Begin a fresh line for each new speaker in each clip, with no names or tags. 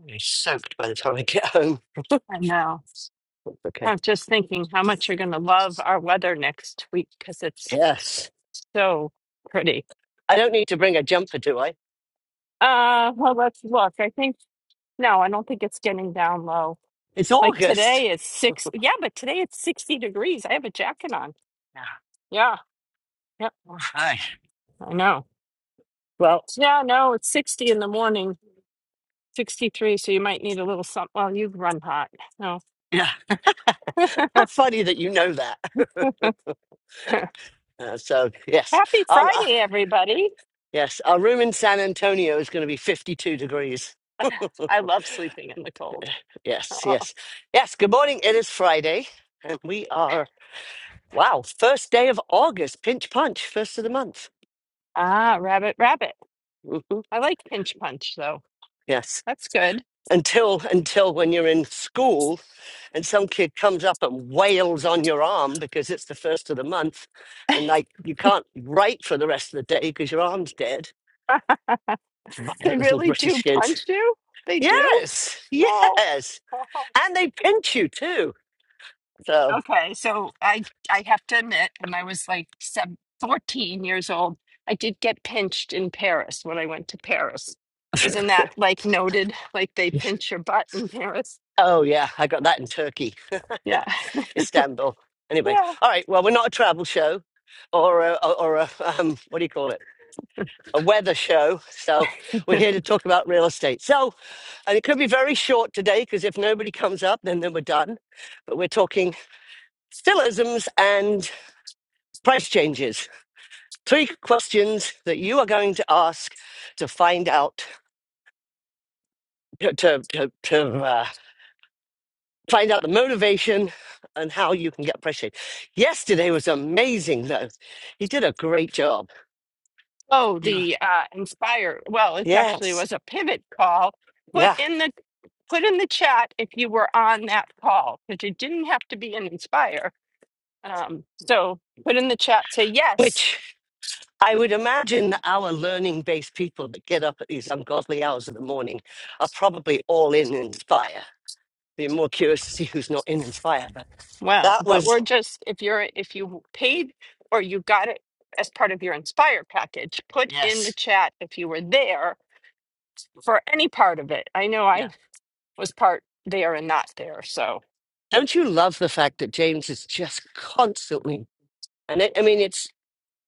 I'm gonna be soaked by the time I get home.
I know. I
Okay.
was just thinking how much you're going to love our weather next week because it's
Yes.
so pretty.
I don't need to bring a jumper, do I?
Uh, well, let's look. I think, no, I don't think it's getting down low.
It's
Like
August.
today it's six. Yeah, but today it's 60 degrees. I have a jacket on.
Yeah.
Yeah. Yep.
All right.
I know.
Well,
Yeah, no, it's 60 in the morning, 63. So you might need a little something. Well, you run hot. No.
yeah. How funny that you know that. Uh, so yes,
Happy
our uh,
Friday, everybody.
yes, our room in San Antonio is going to be 52 degrees.
I love sleeping in the cold.
yes,
Oh.
yes, yes. Good morning. It is Friday, and we are wow, first day of August. Pinch punch, first of the month.
Ah, rabbit, rabbit.
hmm
I like pinch punch though.
Yes,
That's good.
until until when you're in school and some kid comes up and wails on your arm because it's the first of the month and like you can't write for the rest of the day because your arm's dead
They
violent little
really do
british kids
punch you? They do?
yes
Oh.
yes
oh.
and they pinch you too so
Okay, so I I have to admit, when I was like seven, 14 years old, I did get pinched in Paris when I went to Paris. Isn't that like noted? Like they pinch your butt in Paris?
oh yeah i got that in turkey
Yeah.
istanbul anyway
Yeah.
all right well we're not a travel show or a, or a um, what do you call it a weather show so we're here to talk about real estate so And it could be very short today because if nobody comes up, then, then we're done. But we're talking stillisms and price changes. Three questions that you are going to ask to find out to, to, to, to, uh, find out the motivation and how you can get price change. Yesterday was amazing though. He did a great job.
Oh,
You
the uh, Inspire. Well, it actually
Yes.
was a pivot call put
Yeah.
in the put in the chat if you were on that call because you didn't have to be an inspire um, so put in the chat say yes
Which I would imagine that our learning based people that get up at these ungodly hours of the morning are probably all in Inspire. Be more curious to see who's not in Inspire. But
well
that
but
was,
we're just if you're if you paid or you got it as part of your inspire package put in the
yes.
chat if you were there for any part of it i know
Yeah.
i was part there and not there so
Don't you love the fact that James is just constantly, and it, I mean, it's,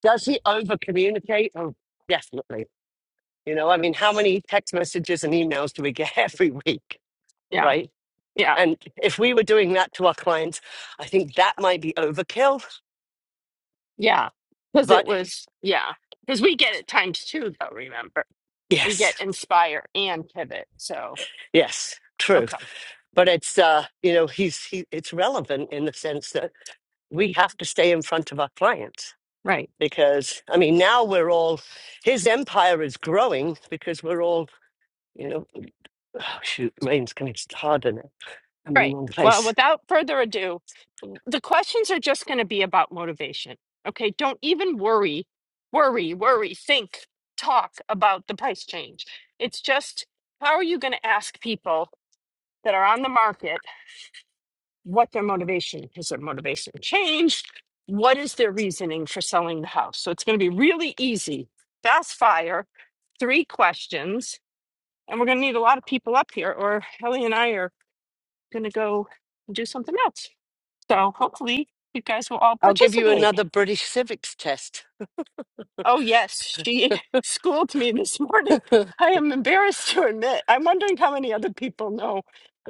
does he over communicate? Oh, definitely. You know, I mean, how many text messages and emails do we get every week?
yeah
Right.
yeah
And if we were doing that to our clients, I think that might be overkill.
yeah because it
But
was yeah because we get it times two though remember we
yes,
get inspire and pivot so
yes, true
okay
but it's uh you know he's he, it's relevant in the sense that we have to stay in front of our clients
right.
because I mean now we're all his empire is growing because we're all you know oh, shoot rain's going to harder now. I'm in the
Right.
wrong
Well,
place.
without further ado, the questions are just going to be about motivation. Okay. Don't even worry, worry, worry, think, talk about the price change. It's just how are you going to ask people that are on the market what their motivation is? Has their motivation changed? What is their reasoning for selling the house? So it's going to be really easy, fast fire, three questions. And we're going to need a lot of people up here, or Ellie and I are going to go do something else. So hopefully you guys will all
I'll give you
participate.
another British civics test.
Oh yes, she schooled me this morning.
well,
I am embarrassed to admit. I'm wondering how many other people know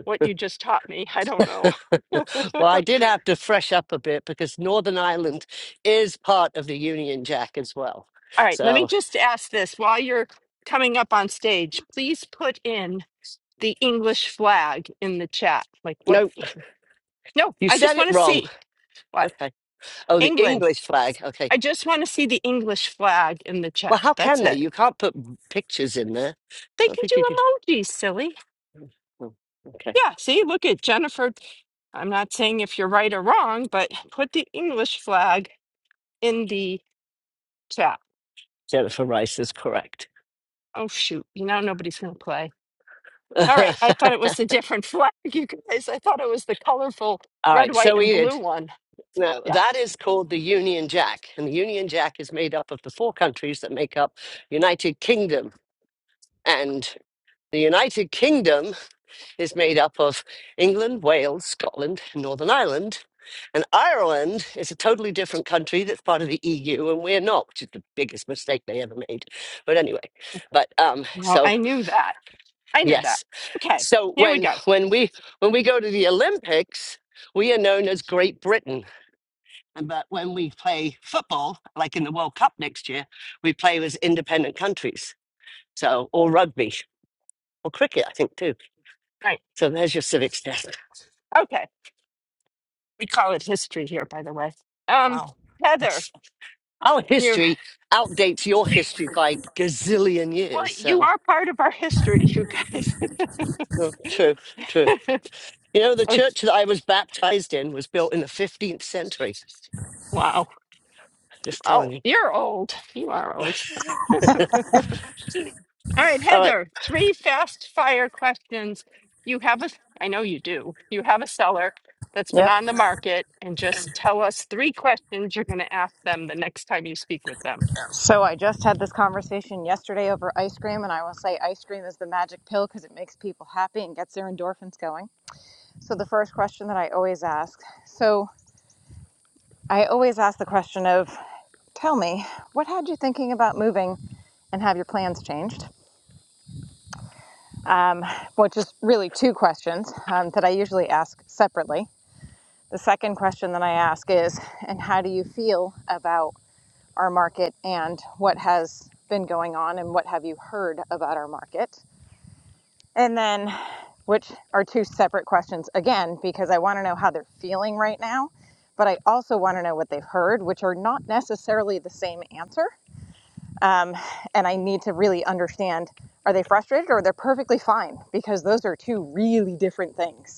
what you just taught me. I don't know. all
I did have to fresh up a bit because Northern Ireland is part of the Union Jack as well.
right, let me
So
just ask this while you're coming up on stage. Please put in the English flag in the chat. Like what?
no,
No,
you
I just
said it
want to
wrong.
see what
Okay. Oh, the
England.
English flag. Okay.
I just want to see the English flag in the
Well,
chat.
how
That's
can they?
it.
You can't put pictures in there. I
They
don't
can
think
do
you can.
emojis, silly.
oh, okay.
Yeah, see, look at Jennifer I'm not saying if you're right or wrong, but put the English flag in the chat.
Jennifer Rice is correct.
Oh, shoot. You know, nobody's going to play. All right. I thought it was a different flag, you guys. I thought it was the colorful
All
red,
right,
white,
so
and
Enid,
blue one.
now
Yeah.
that is called the Union Jack, and the Union Jack is made up of the four countries that make up United Kingdom. And the United Kingdom is made up of England, Wales, Scotland, and Northern Ireland. And Ireland is a totally different country that's part of the EU, and we're not, which is the biggest mistake they ever made. But anyway, but um,
Well,
so
I knew that. I knew that.
yes,
Okay.
so
Here we
when
go. All
when we when we go to the Olympics, we are known as Great Britain And but when we play football, like in the World Cup next year, we play as independent countries. So or rugby or cricket, I think too.
Right.
So there's your civics test.
Okay. We call it history here, by the way. Um,
Wow.
Heather,
It's, our
you're,
history outdates your history by gazillion
well,
years.
you
So
are part of our history, you guys.
oh, true, true. You know, the
Oh,
church that I was baptized in was built in the 15th century.
wow.
Just
Oh,
telling you.
you're old. You are old. All right,
All right.
Heather, three fast fire questions. You have a, I know you do, you have a seller that's been
Yep.
on the market, and just tell us three questions you're going to ask them the next time you speak with them.
So I just had this conversation yesterday over ice cream, and I will say ice cream is the magic pill because it makes people happy and gets their endorphins going. So the first question that I always ask so I always ask the question of, tell me, what had you thinking about moving and have your plans changed? Um, which is really two questions um, that I usually ask separately. The second question that I ask is, and how do you feel about our market and what has been going on and what have you heard about our market? And then, which are two separate questions again, because I want to know how they're feeling right now, but I also want to know what they've heard, which are not necessarily the same answer. Um, and I need to really understand are they frustrated or they're perfectly fine? Because those are two really different things.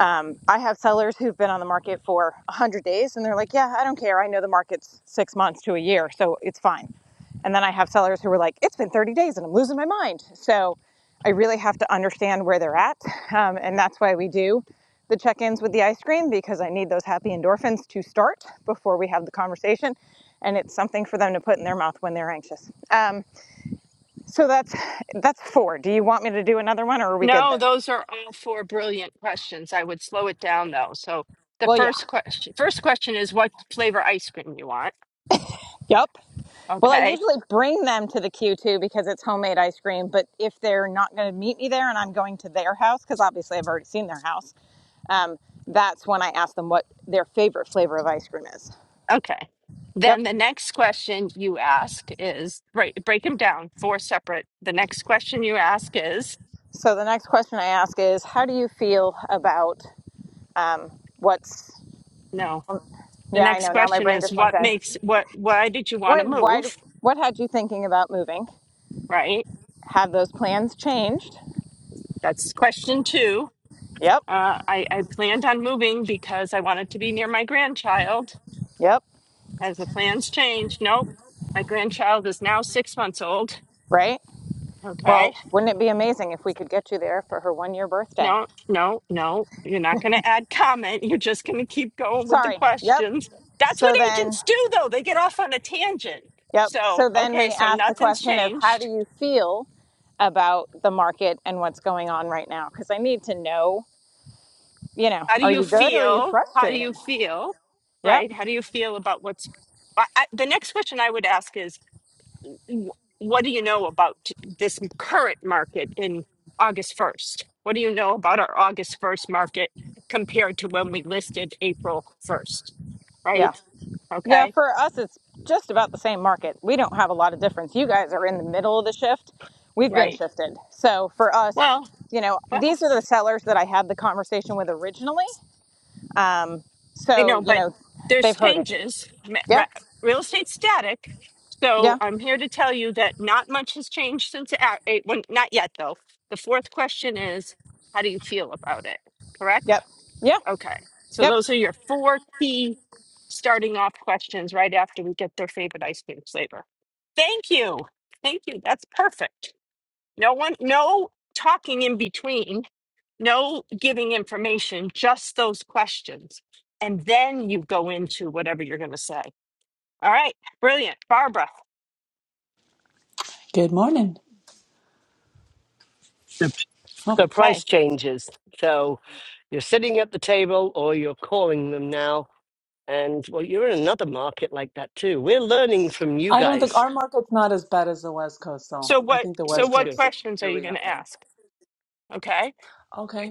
Um, I have sellers who've been on the market for 100 days and they're like, yeah, I don't care. I know the market's six months to a year, so it's fine. And then I have sellers who are like, it's been 30 days and I'm losing my mind. So I really have to understand where they're at. Um, and that's why we do the check ins with the ice cream because I need those happy endorphins to start before we have the conversation. And it's something for them to put in their mouth when they're anxious. Um, so that's that's four. Do you want me to do another one or are we good
No,
there?
those are all four brilliant questions. I would slow it down though. So the
Well, yeah.
first question, first question is what flavor ice cream you want.
Yep. Well, I
Okay.
usually bring them to the Q2 because it's homemade ice cream. But if they're not going to meet me there and I'm going to their house, because obviously I've already seen their house, um, that's when I ask them what their favorite flavor of ice cream is.
Okay.
Yep.
Then the next question you ask is break break them down four separate. The next question you ask is
So the next question I ask is, how do you feel about what's?
no. The
Yeah, I
next
know. Now my
question
brain
is
just went
what
dead.
makes what why did you want to
What? Why? do-
move?
What had you thinking about moving?
Right?
Have those plans changed?
That's question two.
Yep.
Uh, I, I planned on moving because I wanted to be near my grandchild.
Yep.
Has the plans changed? Nope. My grandchild is now six months old.
Right.
Okay
Well, wouldn't it be amazing if we could get you there for her one-year birthday?
No, no, no. You're not going to add comment. You're just going to keep going with the
Sorry. Yep.
questions. That's what
So then,
agents do, though. They get off on a tangent.
yep.
So,
So then
okay,
we
so
ask the
nothing's
question of how do
changed.
you feel about the market and what's going on right now? Because I need to know, you know,
How do
are
you
you good or are you
feel? How do
frustrated?
you feel?
Yep.
Right? How do you feel about what's I, I, the next question I would ask is wh- what do you know about this current market in August 1st? What do you know about our August 1st market compared to when we listed April 1st?
Yeah.
Right? Okay.
Yeah. For us, it's just about the same market. We don't have a lot of difference. You guys are in the middle of the shift. We've been
Right.
shifted. So for us,
Well,
you know,
well,
these are the sellers that I had the conversation with originally. Um,
I
so,
know,
you
but
know,
there's
they've heard it.
changes. Ma-
Yeah.
re- Real estate static. So
Yeah.
I'm here to tell you that not much has changed since a- eight. When, not yet, though. The fourth question is, how do you feel about it? Correct.
Yep. Yeah.
Okay. So
Yep.
those are your four key starting off questions right after we get their favorite ice cream flavor. Thank you. Thank you. That's perfect. No one, no talking in between no giving information, just those questions. And then you go into whatever you're going to say. All right, brilliant. Barbara,
Good morning.
The,
Well,
the
okay.
price changes. So you're sitting at the table or you're calling them now And well, you're in another market like that too. We're learning from you
I don't think
guys.
our market's not as bad as the West Coast, though.
So
I
what
think the
Oh,
so
West
That's
what
Coast
good.
is
questions are you
really
going
out
to
there.
ask? Okay?
Okay.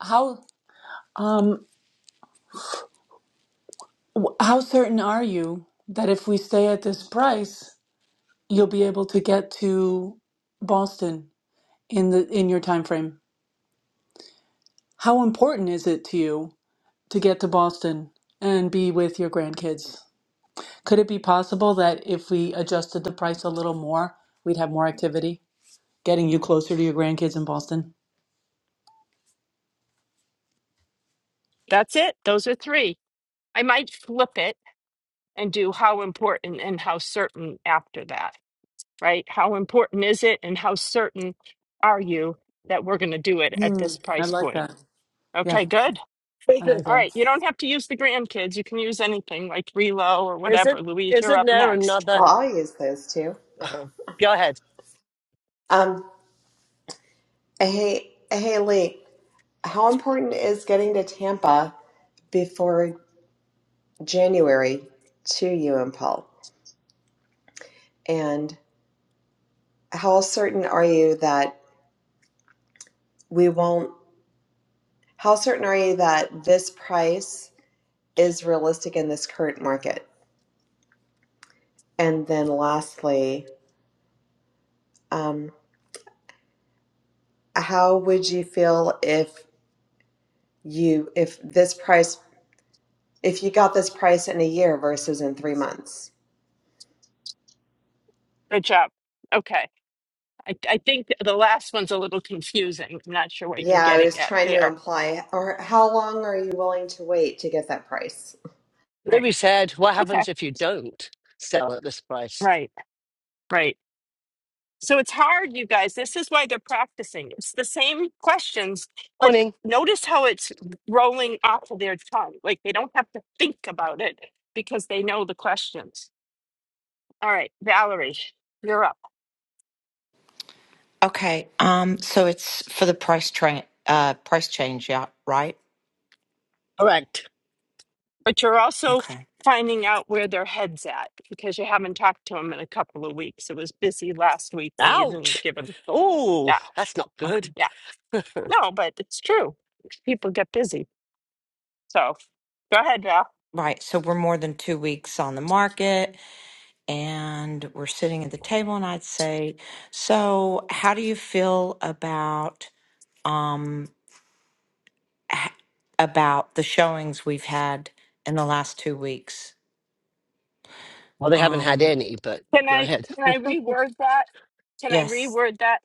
How um w- how certain are you that if we stay at this price, you'll be able to get to Boston in the in your time frame? How important is it to you to get to Boston and be with your grandkids? Could it be possible that if we adjusted the price a little more, we'd have more activity getting you closer to your grandkids in Boston?
That's it. Those are 3. I might flip it and do how important and how certain after that, right? How important is it and how certain are you that we're going to do it at
Hmm,
this
I
price
like
point?
that. Yeah,
Okay, good.
I like
Isn't
All
that.
right, you don't have to use the grandkids. You can use anything like Relo or
isn't
whatever. Louise, you're
isn't
up
there
next.
another?
Well, I'll use those too.
uh go ahead.
Um, hey, hey, Lee, how important is getting to Tampa before January to you and Paul? And how certain are you that we won't? How certain are you that this price is realistic in this current market? And then, lastly, um, how would you feel if you if this price if you got this price in a year versus in three months?
Good job. Okay. I, I think the last one's a little confusing. I'm not sure what you're
Yeah, I
getting
was
at
trying to
there.
imply, or how long are you willing to wait to get that price?
Right.
Louis said, "What
Okay.
happens if you don't sell at this price?"
Right. Right. So it's hard, you guys. This is why they're practicing. It's the same questions, but
Morning.
notice how it's rolling off of their tongue. Like they don't have to think about it because they know the questions. All right, Valerie, you're up.
Okay. Um. So it's for the price train. Uh. Price change. Yeah. Right.
Correct.
But you're also
Okay.
finding out where their head's at because you haven't talked to them in a couple of weeks. It was busy last week and you didn't
Ouch.
give them.
Oh,
Yeah,
that's not
Okay.
good.
yeah. No, but it's true. People get busy. So go ahead, Val.
Right. So we're more than two weeks on the market, and we're sitting at the table, and I'd say, so how do you feel about um h- about the showings we've had in the last two weeks?
Well, they haven't had
Um.
any, but
Can
go
I
ahead.
can I reword that? Can I
Yes.
reword that?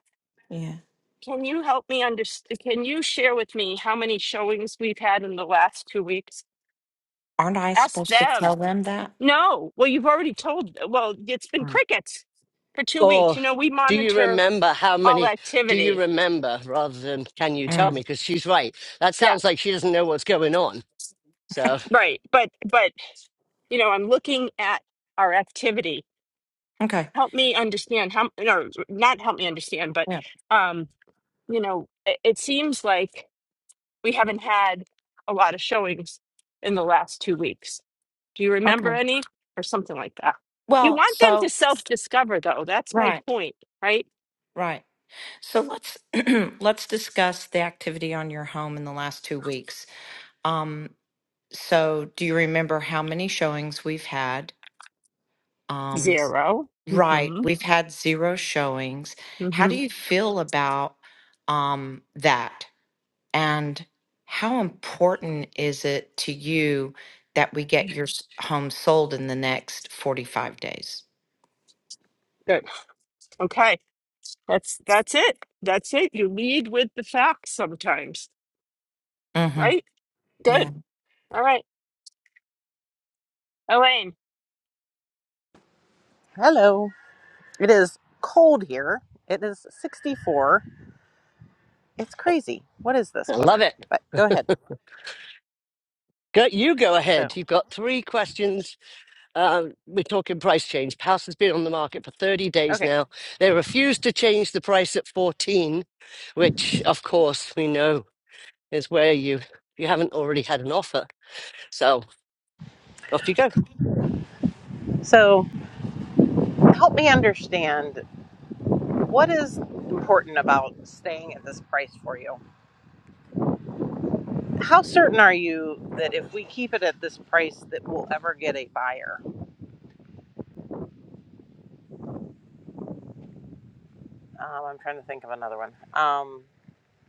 Yeah.
Can you help me understand? Can you share with me how many showings we've had in the last two weeks?
Aren't I
Ask
supposed to tell
them.
them that?
No. Well, you've already told. Well, it's been
Mm.
crickets for two weeks.
Or
You know, we
do you
monitor
remember how
all
many? Do you
activity.
remember rather than can you tell me?
Mm.
Because she's right. That
Yeah.
sounds like she doesn't know what's going on. So
Right, but but you know, I'm looking at our activity.
Okay.
Help me understand how, no, not help me understand, but
Yeah.
um, you know, it, it seems like we haven't had a lot of showings in the last two weeks. Do you remember
Okay.
any or something like that? You
Well.
want them to
So.
self-discover, though. That's my
Right.
point, right?
Right. So let's let's discuss the activity on your home in the last two weeks. Um, so do you remember how many showings we've had? Um,
Zero.
right,
Mm-hmm.
we've had zero showings. How
Mm-hmm.
do you feel about um, that? And how important is it to you that we get your s- home sold in the next forty-five days?
Good. Okay. That's that's it. That's it. You lead with the facts sometimes,
Mm-hmm.
right? Good. All right. Elaine,
Hello. It is cold here. It is 64. It's crazy. What is this
I love
weather?
it.
But go ahead.
Go, you go ahead.
So,
You've got three questions. Um, we're talking price change. House has been on the market for 30 days
okay.
now. They refused to change the price at 14, which, of course, we know is where you you haven't already had an offer. So off you go.
So, help me understand what is important about staying at this price for you? How certain are you that if we keep it at this price that we'll ever get a buyer? Um, I'm trying to think of another one. Um,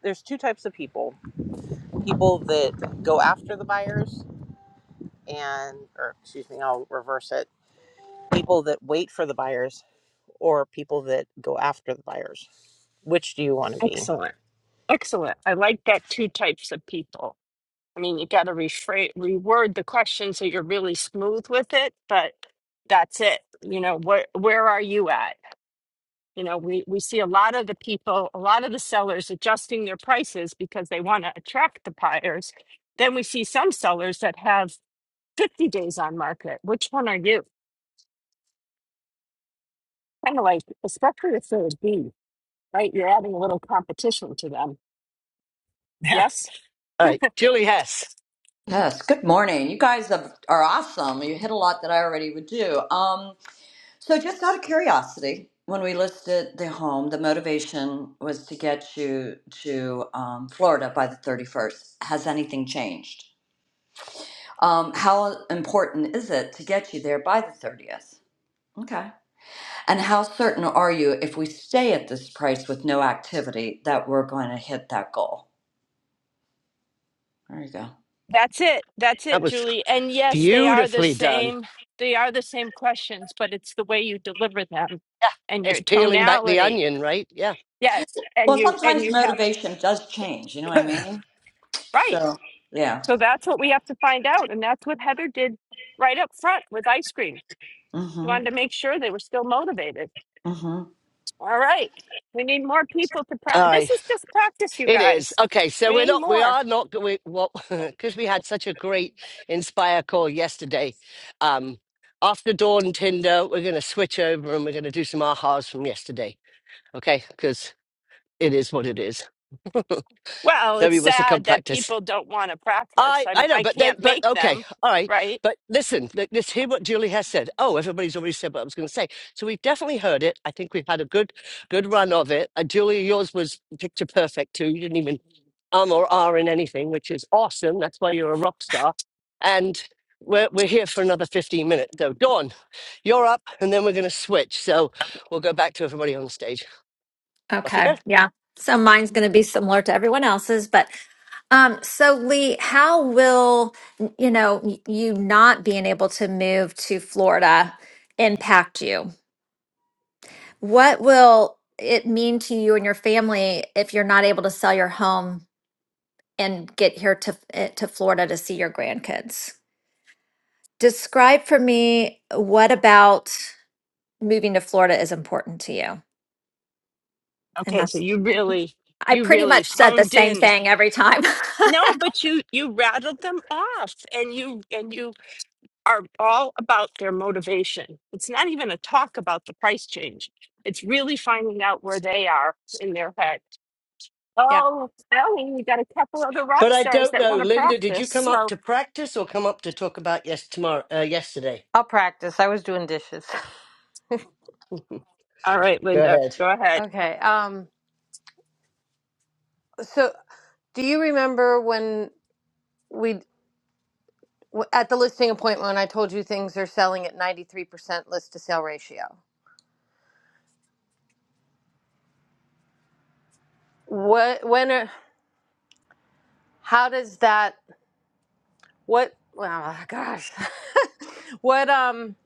there's two types of people. People that go after the buyers and or excuse me, I'll reverse it. People that wait for the buyers or people that go after the buyers? Which do you want to be?
excellent. Excellent. I like that two types of people. I mean, you got to rephrase, reword the question so you're really smooth with it, but that's it. You know, where where are you at? You know, we we see a lot of the people, a lot of the sellers adjusting their prices because they want to attract the buyers. Then we see some sellers that have 50 days on market. Which one are you? Kind of like, especially if they're a B, right? You're adding a little competition to them.
Yeah.
Yes?
All right, Julie Hess.
Yes, good morning. You guys have, are awesome. You hit a lot that I already would do. Um, so, just out of curiosity, when we listed the home, the motivation was to get you to um, Florida by the 31st. Has anything changed? Um, how important is it to get you there by the 30th? Okay. And how certain are you if we stay at this price with no activity that we're going to hit that goal? There you go.
That's it. That's
That
it,
was
Julie. And yes, they are the
beautifully done.
same. They are the same questions, but it's the way you deliver them
Yeah,
and
it's
your
peeling back the
tonality.
onion, right? Yeah.
Yes, and
Well,
you and
sometimes
you have a
motivation does change. You know what I
All
mean?
right.
So, yeah.
So that's what we have to find out, and that's what Heather did right up front with ice cream. She wanted
Mm-hmm.
to make sure they were still motivated.
Mm-hmm.
All right, we need more people to practice.
right.
This is just practice, you
It is.
guys.
Okay, so
We
we're
need
not, we
more.
are not, we, well, because we had such a great Inspire call yesterday. Um, after Dawn Tinder, we're going to switch over and we're going to do some ahas from yesterday. Okay, because it is what it is.
Well, it's
Nobody wants to come
sad that
practice.
people don't want to practice.
I,
I'm,
I know,
I
but then,
can't
but
make them,
okay, all right.
right?
But listen, let- let's hear what Julie has said. Oh, everybody's already said what I was going to say. So we've definitely heard it. I think we've had a good, good run of it. Uh, Julie, yours was picture perfect too. You didn't even um, or are in anything, which is awesome. That's why you're a rock star. And we're, we're here for another 15 minutes. So, Dawn, you're up, and then we're going to switch. So, we'll go back to everybody on the stage. Off you
Okay.
go.
Yeah. So mine's going to be similar to everyone else's, but um so Lee, how will you know y- you not being able to move to Florida impact you? What will it mean to you and your family if you're not able to sell your home and get here to eh, to Florida to see your grandkids? Describe for me what about moving to Florida is important to you. And
Okay, so
that's
you really,
I
you
pretty
really
much said the
honed
same
in.
thing every time.
No, but you you rattled them off, and you and you are all about their motivation. It's not even a talk about the price change. It's really finding out where they are in their head.
Yeah.
Oh, Ellie, we got a couple other rock
But I
stars
don't
that
know,
want to
Linda, did you
practice.
come up
So,
to practice or come up to talk about yes, tomorrow, uh, yesterday?
I'll practice. I was doing dishes.
all right,
Go
Linda,
ahead.
go ahead.
Okay. Um. So, do you remember when we w- at the listing appointment when I told you things are selling at ninety three percent list to sale ratio? What? When? Are, how does that? What? Well, gosh. what? Um.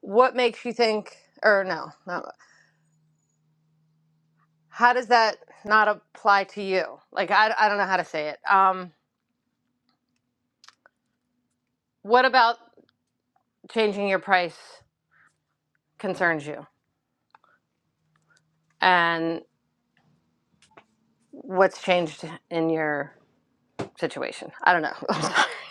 What makes you think? Or no, no. How does that not apply to you? Like I, I don't know how to say it. Um. What about changing your price concerns you? what's changed in your situation. I don't know.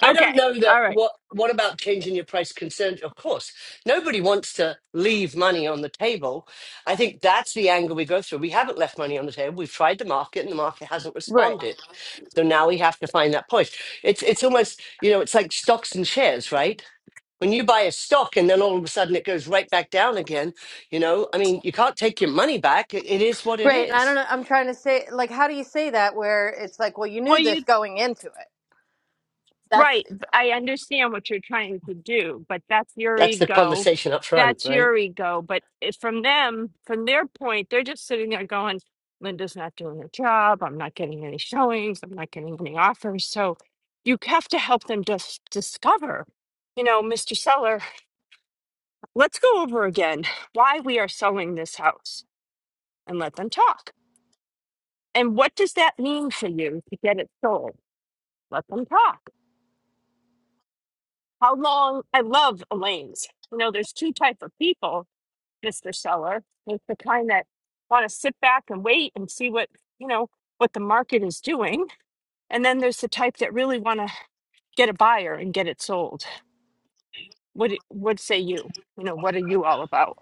I don't
Okay,
know that
all right.
what what about changing your price concerned of course nobody wants to leave money on the table I think that's the angle we go through we haven't left money on the table we've tried the market and the market hasn't
right. Um,
responded so now we have to find that point it's it's almost you know it's like stocks and shares right when you buy a stock and then all of a sudden it goes right back down again you know I mean you can't take your money back it, it is what it
Right. And I don't
is
know. I'm trying to say, like, how do you say that where it's like, well, you
Well,
knew
you.
this going into it? That's.
Right. b- I understand what you're trying to do, but that's your
that's the
ego.
conversation up front
That's
right
your ego. But it- from them, from their point, they're just sitting there going, Linda's not doing her job. I'm not getting any showings. I'm not getting any offers. So you have to help them just discover, you know, Mr. Seller, let's go over again why we are selling this house and let them talk. And what does that mean for you to get it sold? Let them talk How long I love Elaine's. You know, there's two type of people, Mr. Seller. There's the kind that want to sit back and wait and see what, you know, what the market is doing. And then there's the type that really want to get a buyer and get it sold. What do- what say you? You know, what are you all about?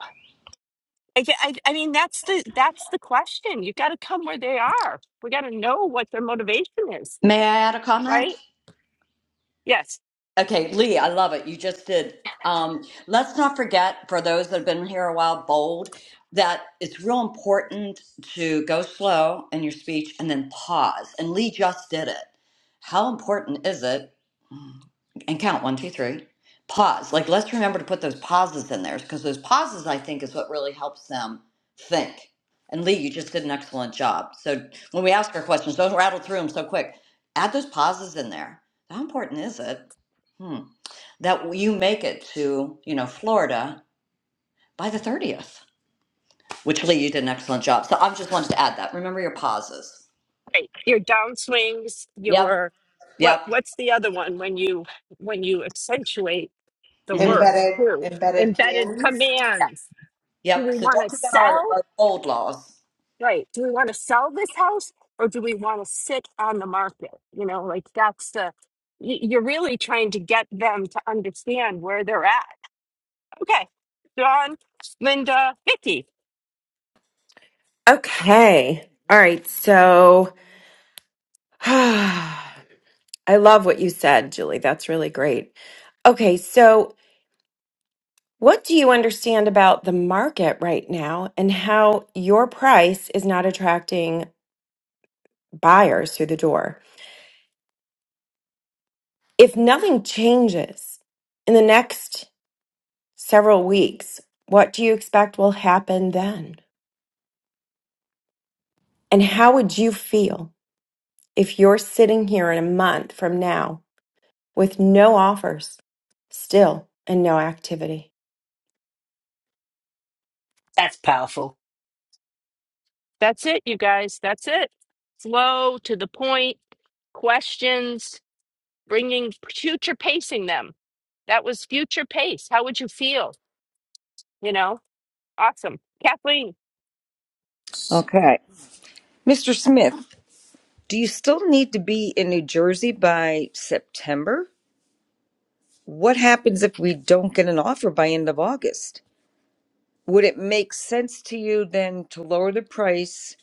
I, ge- I, I mean, that's the that's the question. You got to come where they are. We got to know what their motivation is,
May I add a comment?
right? Yes.
Okay, Lee, I love it. You just did. Um, let's not forget, for those that have been here a while, bold, that it's real important to go slow in your speech and then pause. And Lee just did it. How important is it and count one, two, three. Pause. Like, let's remember to put those pauses in there because those pauses, I think, is what really helps them think. And Lee, you just did an excellent job. So when we ask our questions, don't rattle through them so quick. Add those pauses in there. How important is it hmm, that you make it to, you know, Florida by the 30th? Which Lee, you did an excellent job. So I am just wanted to add that. Remember your pauses.
Right. Your downswings,
Yep.
your what
Yep.
what's the other one when you when you accentuate the
hmm
word
Embedded,
too?
embedded
Embedded
commands?
commands. Do
Yep.
we
So
want
don't
to
forget our,
sell?
our old laws.
Right. Do we want to sell this house or do we want to sit on the market? You know, like that's the y- you're really trying to get them to understand where they're at. Okay. John, Linda, Vicky.
Okay. All right. So I love what you said, Julie. That's really great. Okay. So, what do you understand about the market right now and how your price is not attracting buyers through the door? If nothing changes in the next several weeks, what do you expect will happen then? And how would you feel if you're sitting here in a month from now with no offers still and no activity.
that's powerful
That's it, you guys. That's it. Slow to the point. Questions bringing future pacing them. That was future pace. How would you feel? You know, awesome. Kathleen.
Okay. Mr. Smith, do you still need to be in New Jersey by September? What happens if we don't get an offer by end of August? Would it make sense to you then to lower the price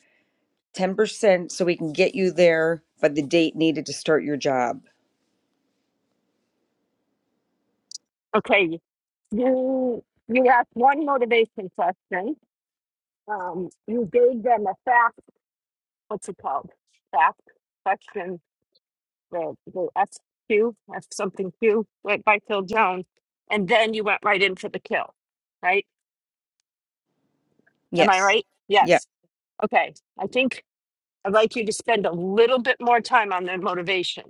10% so we can get you there by the date needed to start your job?
Okay, you you asked one motivation question. Um, you gave them a fact. What's it called? Fact question. The the SQ, F something Q, right by Phil Jones, and then you went right in for the kill. Right? Am I
Yes.
right?
Yeah.
Yes. Okay. I think. I'd like you to spend a little bit more time on their motivation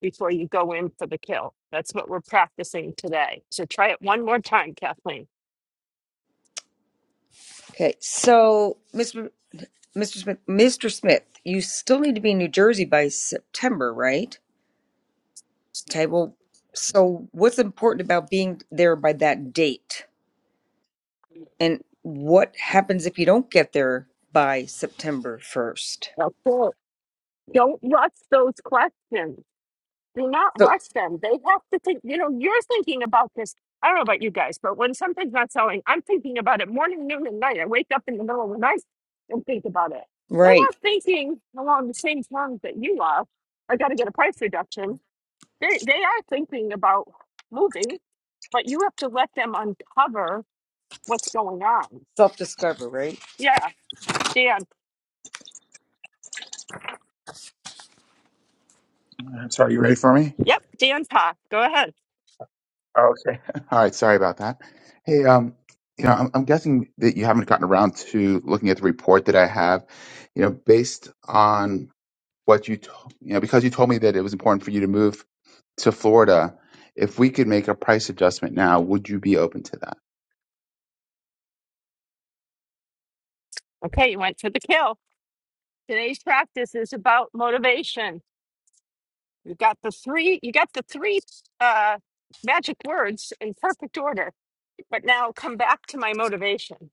before you go in for the kill. That's what we're practicing today. So try it one more time, Kathleen.
Okay. So, Mr. Mr. Smith, Mr. Smith, you still need to be in New Jersey by September, right? Okay. Well, so what's important about being there by that date? And what happens if you don't get there by September 1st?
Okay. Don't rush those questions. Do not
So,
rush them. They have to think, you know, you're thinking about this. I don't know about you guys, but when something's not selling, I'm thinking about it morning, noon, and night. I wake up in the middle of the night and think about it. They're not
right.
thinking along the same terms that you are. I got to get a price reduction. They, they are thinking about moving but you have to let them uncover what's going on.
Self discover, right?
Yeah, Dan.
I'm sorry, you ready for me?
Yep, Dan Pa. Go ahead.
Oh, okay. All right. Sorry about that. Hey, um, you know, I'm, I'm guessing that you haven't gotten around to looking at the report that I have. You know, based on what you, to- you know, because you told me that it was important for you to move to Florida. If we could make a price adjustment now, would you be open to that?
Okay, you went to the kill. Today's practice is about motivation. You got the three. You got the three uh, magic words in perfect order. But now come back to my motivation.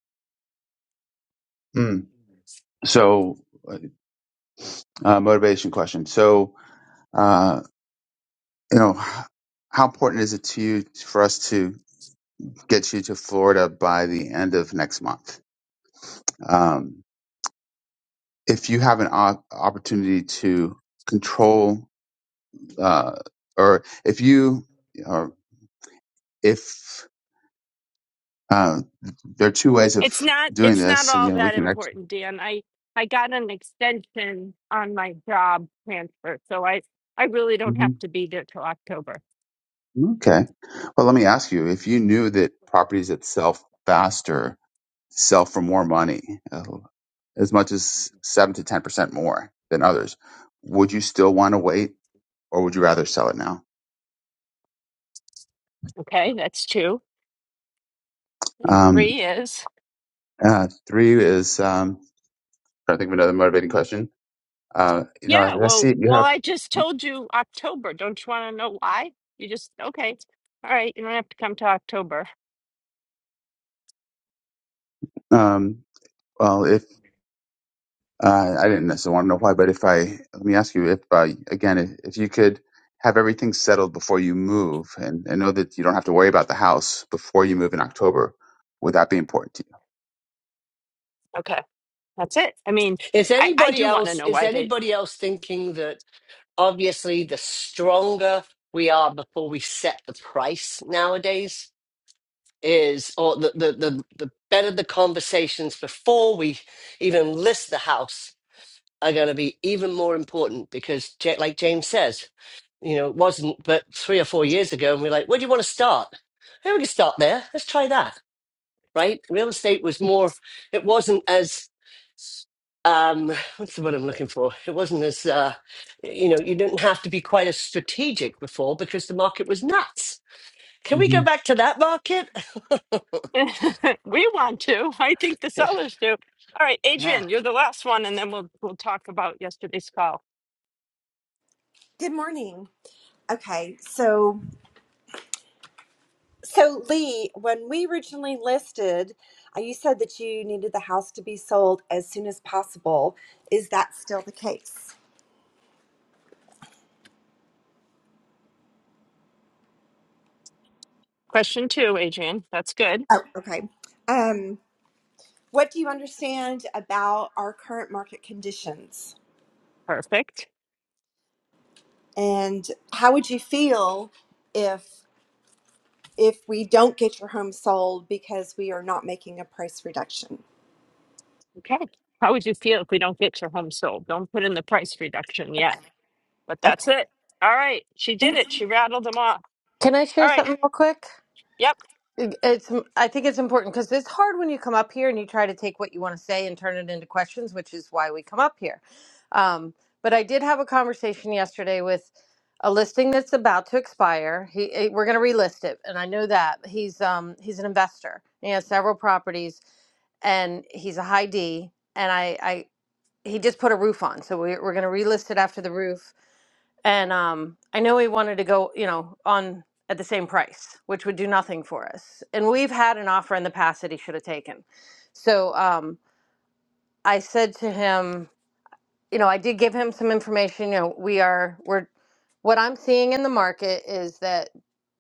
Mm. So, uh, uh, motivation question. So, uh, you know, how important is it to you for us to get you to Florida by the end of next month? Um, if you have an op- opportunity to control, uh, or if you, or if uh, there are two ways
It's
of
not.
doing
It's not
this,
all
you know, we
that
can. actually.
important, Dan. I I got an extension on my job transfer, so I I really don't have to be there till October.
Okay. Well, let me ask you if you knew that properties that sell faster sell for more money, uh, as much as 7 to 10% more than others, would you still want to wait or would you rather sell it now?
Okay, that's two. And
Um,
three is
uh, three is, um, trying to think of another motivating question. Uh, you know, I
Yeah,
I see
well,
you
well,
have,
I just told you October. Don't you want to know why? You just okay. All right, you don't have to come to October.
um, well, if Uh, I didn't necessarily want to know why, but if I let me ask you if uh, again, if, if you could have everything settled before you move, and, and know that you don't have to worry about the house before you move in October, would that be important to
Okay, that's it. I mean,
Is
I I
anybody
do want to
else
know
is
why they.
anybody else thinking that obviously the stronger we are before we set the price nowadays is or the the the, the better the conversations before we even list the house are going to be even more important because Ja- like James says, you know, it wasn't but 3 or 4 years ago and we're like, where do you want to start? Hey, we can start there. Let's try that right? Real estate was more, it wasn't as, um, what's the word I'm looking for? It wasn't as, uh, you know, you didn't have to be quite as strategic before because the market was nuts. Can
you?
we go back to that market?
we want to. I think the sellers do. All right,
yeah.
Adrian, you're the last one, and then we'll we'll talk about yesterday's call.
Good morning. Okay, so so Lee, when we originally listed, uh, you said that you needed the house to be sold as soon as possible. Is that still the case?
Question two, Adrian. That's good.
Oh, okay. Um, what do you understand about our current market conditions,
Perfect.
and how would you feel if if we don't get your home sold because we are not making a price reduction?
Okay. How would you feel if we don't get your home sold? Don't put in the price reduction yet. But that's it. All right. She
Okay.
did it. She rattled them off.
Can I share
All right.
something real quick?
Yep.
It- It's, I think it's important because it's hard when you come up here and you try to take what you want to say and turn it into questions, which is why we come up here. Um, but I did have a conversation yesterday with a listing that's about to expire. He, eh, we're going to relist it, and I know that he's um, he's an investor. He has several properties, and he's a high D. And I, I he just put a roof on, so we, we're going to relist it after the roof and um, I know we wanted to go, you know, on at the same price, which would do nothing for us. And we've had an offer in the past that he should have taken. So um, I said to him you know, I did give him some information. You know, we are we're what I'm seeing in the market is that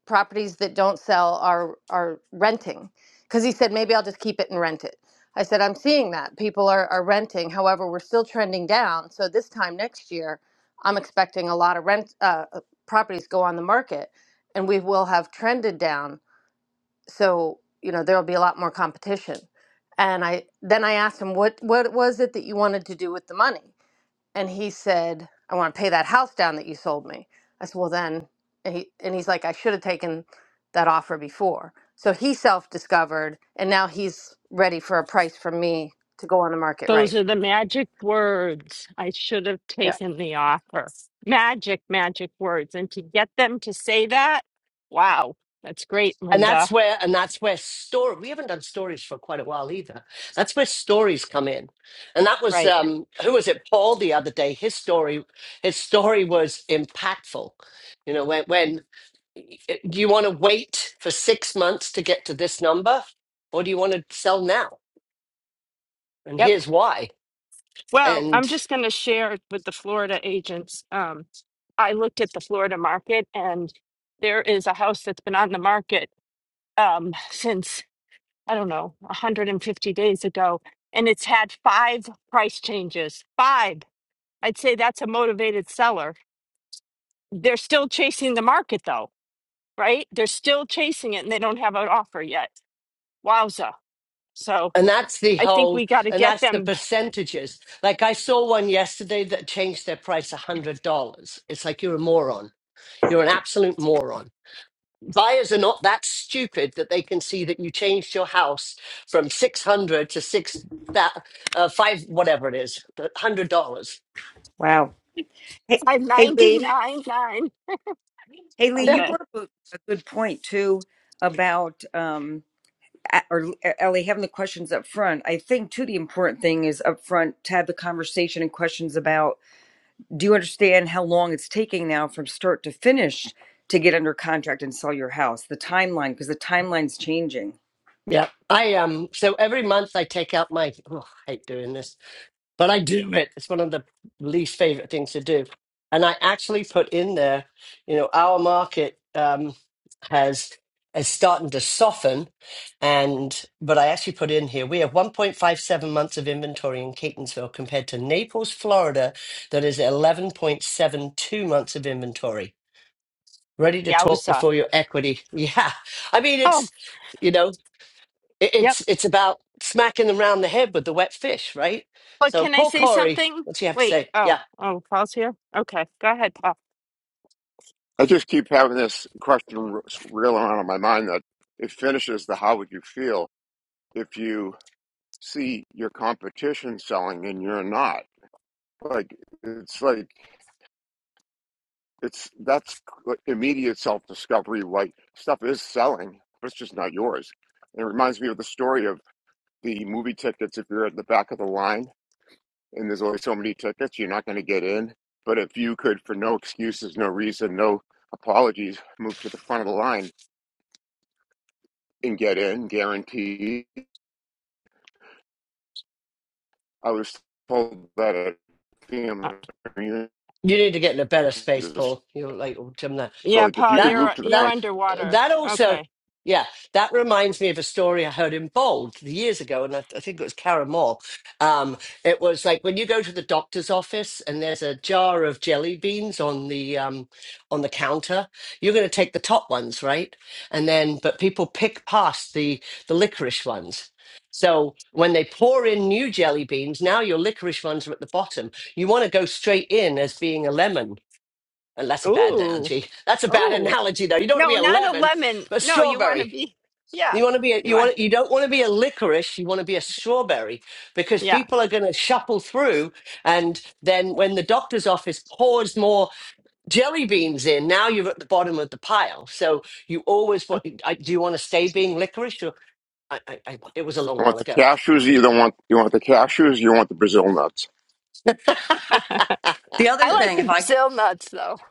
properties that don't sell are are renting. Because he said maybe I'll just keep it and rent it. I said I'm seeing that people are are renting. However, we're still trending down. So this time next year, I'm expecting a lot of rent uh, uh, properties go on the market, and we will have trended down. So you know there will be a lot more competition. And I then I asked him what what was it that you wanted to do with the money and he said, "I want to pay that house down that you sold me." I said, "Well, then," and, he, and he's like, "I should have taken that offer before." So he self-discovered, and now he's ready for a price from me to go on the market
Those
rate.
are the magic words. I should have taken the offer. Magic, magic words. And to get them to say that, wow, that's great,
And
Linda.
that's where, and that's where story, we haven't done stories for quite a while either. That's where stories come in. And that was,
Right.
um, who was it? Paul the other day, his story, his story was impactful. You know, when, when do you want to wait for six months to get to this number or do you want to sell now and
Yep.
here's why
Well, I'm
and
just going to share with the Florida agents. Um, I looked at the Florida market and there is a house that's been on the market um, since I don't know, 150 days ago, and it's had five price changes. Five. I'd say that's a motivated seller. They're still chasing the market though, right? They're still chasing it and they don't have an offer yet. Wowza. So
and that's the
I think
whole
we got to
and
get
that's the
them
percentages like i saw one yesterday that changed their price a hundred dollars it's like you're a moron you're an absolute moron buyers are not that stupid that they can see that you changed your house from 600 to six that uh, five whatever it is hundred dollars
Wow. Hey,
by
hey, Lee.
99.9.
Hey, Lee, you
Okay.
brought up a, a good point, too, about, um, a- or uh, Ellie, having the questions up front. I think, too, the important thing is up front to have the conversation and questions about do you understand how long it's taking now from start to finish to get under contract and sell your house? The timeline, because the timeline's changing
Yeah. I um so every month I take out my oh, I hate doing this, but I do it. It's one of the least favorite things to do. And I actually put in there, you know, our market um has is starting to soften and but I actually put in here we have 1.57 months of inventory in Catonsville compared to Naples, Florida that is 11.72 months of inventory. Ready to
Yeah, it
talk
was, uh,
before your equity. Yeah. I mean
oh,
it's you know it,
yep.
it's it's about smacking them round the head with the wet fish, right?
But
So,
can I
Paul
say
Corey,
something?
what's he have to
Wait.
say?
Oh,
Yeah,
oh, Paul's here? Okay. Go ahead, Paul.
I just keep having this question r- reel around in my mind that it finishes the how would you feel if you see your competition selling and you're not? Like, it's like, it's that's like immediate self discovery. Like, stuff is selling, but it's just not yours. And it reminds me of the story of the movie tickets. If you're at the back of the line and there's only so many tickets, you're not going to get in. But if you could, for no excuses, no reason, no apologies, move to the front of the line and get in guaranteed. I was told that at
Uh,
family
you need to get in a better space, Paul. You know, like old Jim
so
yeah,
like if you
Paul,
could
That
move
you're,
to the
you're
that
front,
underwater.
that also,
Okay.
yeah, that reminds me of a story I heard in Bold years ago, and I, I think it was Karen Moore. Um, it was like when you go to the doctor's office and there's a jar of jelly beans on the um, on the counter. You're going to take the top ones, right? And then, but people pick past the the licorice ones. So when they pour in new jelly beans, now your licorice ones are at the bottom. You want to go straight in as being a lemon and that's a bad
Ooh.
analogy. That's a bad
Oh.
analogy, though. You don't want to
No,
be a
not a
lemon,
lemon.
but
No, you want to
strawberry.
be, yeah,
You want to be a,
you
you
want,
want you don't want to be a licorice. You want to be a strawberry because
yeah.
people are going to shuffle through, and then when the doctor's office pours more jelly beans in, now you're at the bottom of the pile. So you always want. I, do you want to stay being licorice? Or, I, I, I, it was a long
you want
while
the
ago.
cashews, you don't want you want the cashews, you want the Brazil nuts.
The other
I like
thing,
the
if I
Brazil nuts though.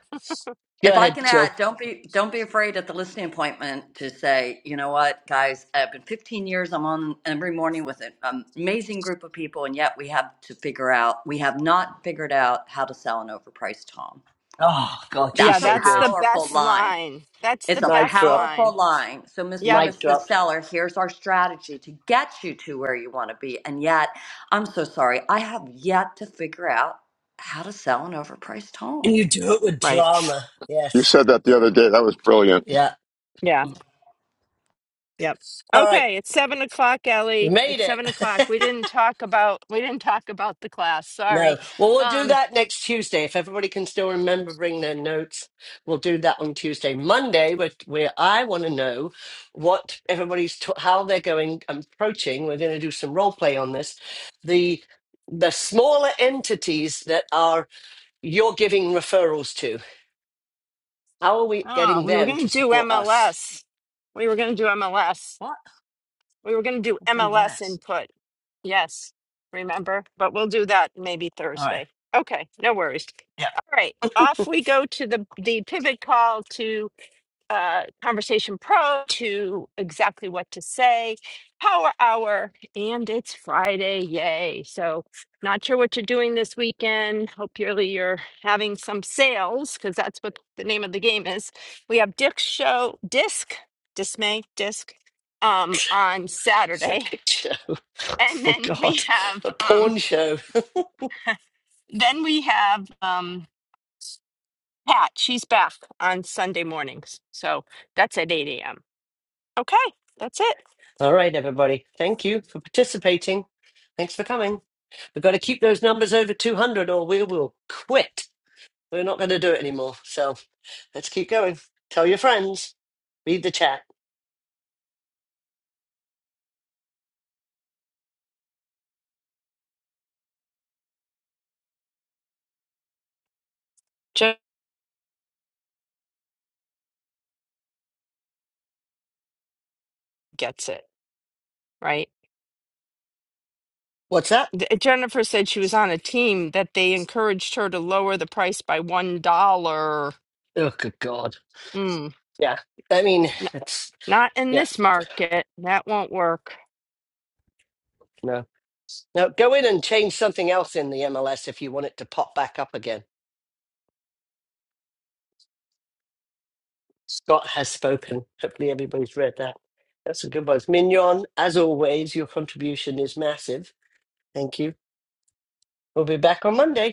Go
If I
ahead,
can add,
Jill.
don't be don't be afraid at the listening appointment to say, you know what, guys, I've been 15 years. I'm on every morning with an amazing group of people, and yet we have to figure out we have not figured out how to sell an overpriced home.
Oh God, she's
Yeah,
That's a
so
that's the
good.
powerful
best
line.
line. That's
It's
the
a
Mic
best
drop.
line.
powerful line. So, Mr.
Yep.
and
Mic
Mrs.
drop.
Seller, here's our strategy to get you to where you want to be. And yet, I'm so sorry, I have yet to figure out how to sell an overpriced
And
home.
you do it with
Right.
drama.
You
Yes.
said that the other day. That was brilliant.
Yeah.
Yeah. Yep.
All right,
Okay, it's seven o'clock,
we
Ellie.
made
It's
it.
seven o'clock. We didn't talk about we didn't talk about the class. Sorry.
no, well, we'll do
Um.
that next Tuesday. If everybody can still remember, bring their notes. We'll do that on Tuesday. Monday, where, where I want to know what everybody's t- how they're going and approaching. We're going to do some role play on this. The the smaller entities that are you're giving referrals to. How are we
Oh,
getting
we were
them to
gonna do
support us?
MLS. We were gonna do MLS.
What?
We were gonna do
What's
MLS
MLS?
input. Yes, remember. But we'll do that maybe
All right.
Thursday. Okay, no worries.
Yeah.
All right, off we go to the, the pivot call to uh, Conversation Pro to exactly what to say, power hour, and it's Friday. Yay. So, not sure what you're doing this weekend. Hope you're, you're having some sales because that's what the name of the game is. We have Dick's show, Disc, Dismay, Disc, um, on
It's a
Saturday.
big show.
And
Oh
then we
God,
have,
a
um,
porn show.
then we have, um. Pat, she's back on Sunday mornings. So that's at 8 a.m. Okay, that's it.
All right, everybody. Thank you for participating. Thanks for coming. We've got to keep those numbers over 200 or we will quit. We're not going to do it anymore. So let's keep going. Tell your friends. Read the chat.
Jen gets it, right?
What's that?
D- Jennifer said she was on a team that they encouraged her to lower the price by $1.
Oh, good God.
Mm,
Yeah. I mean,
n-
it's,
not in
yeah,
this market. That won't work.
no. Now go in and change something else in the MLS if you want it to pop back up again. Scott has spoken. Hopefully everybody's read that. That's a good one. Mignon, as always, your contribution is massive. Thank you. We'll be back on Monday.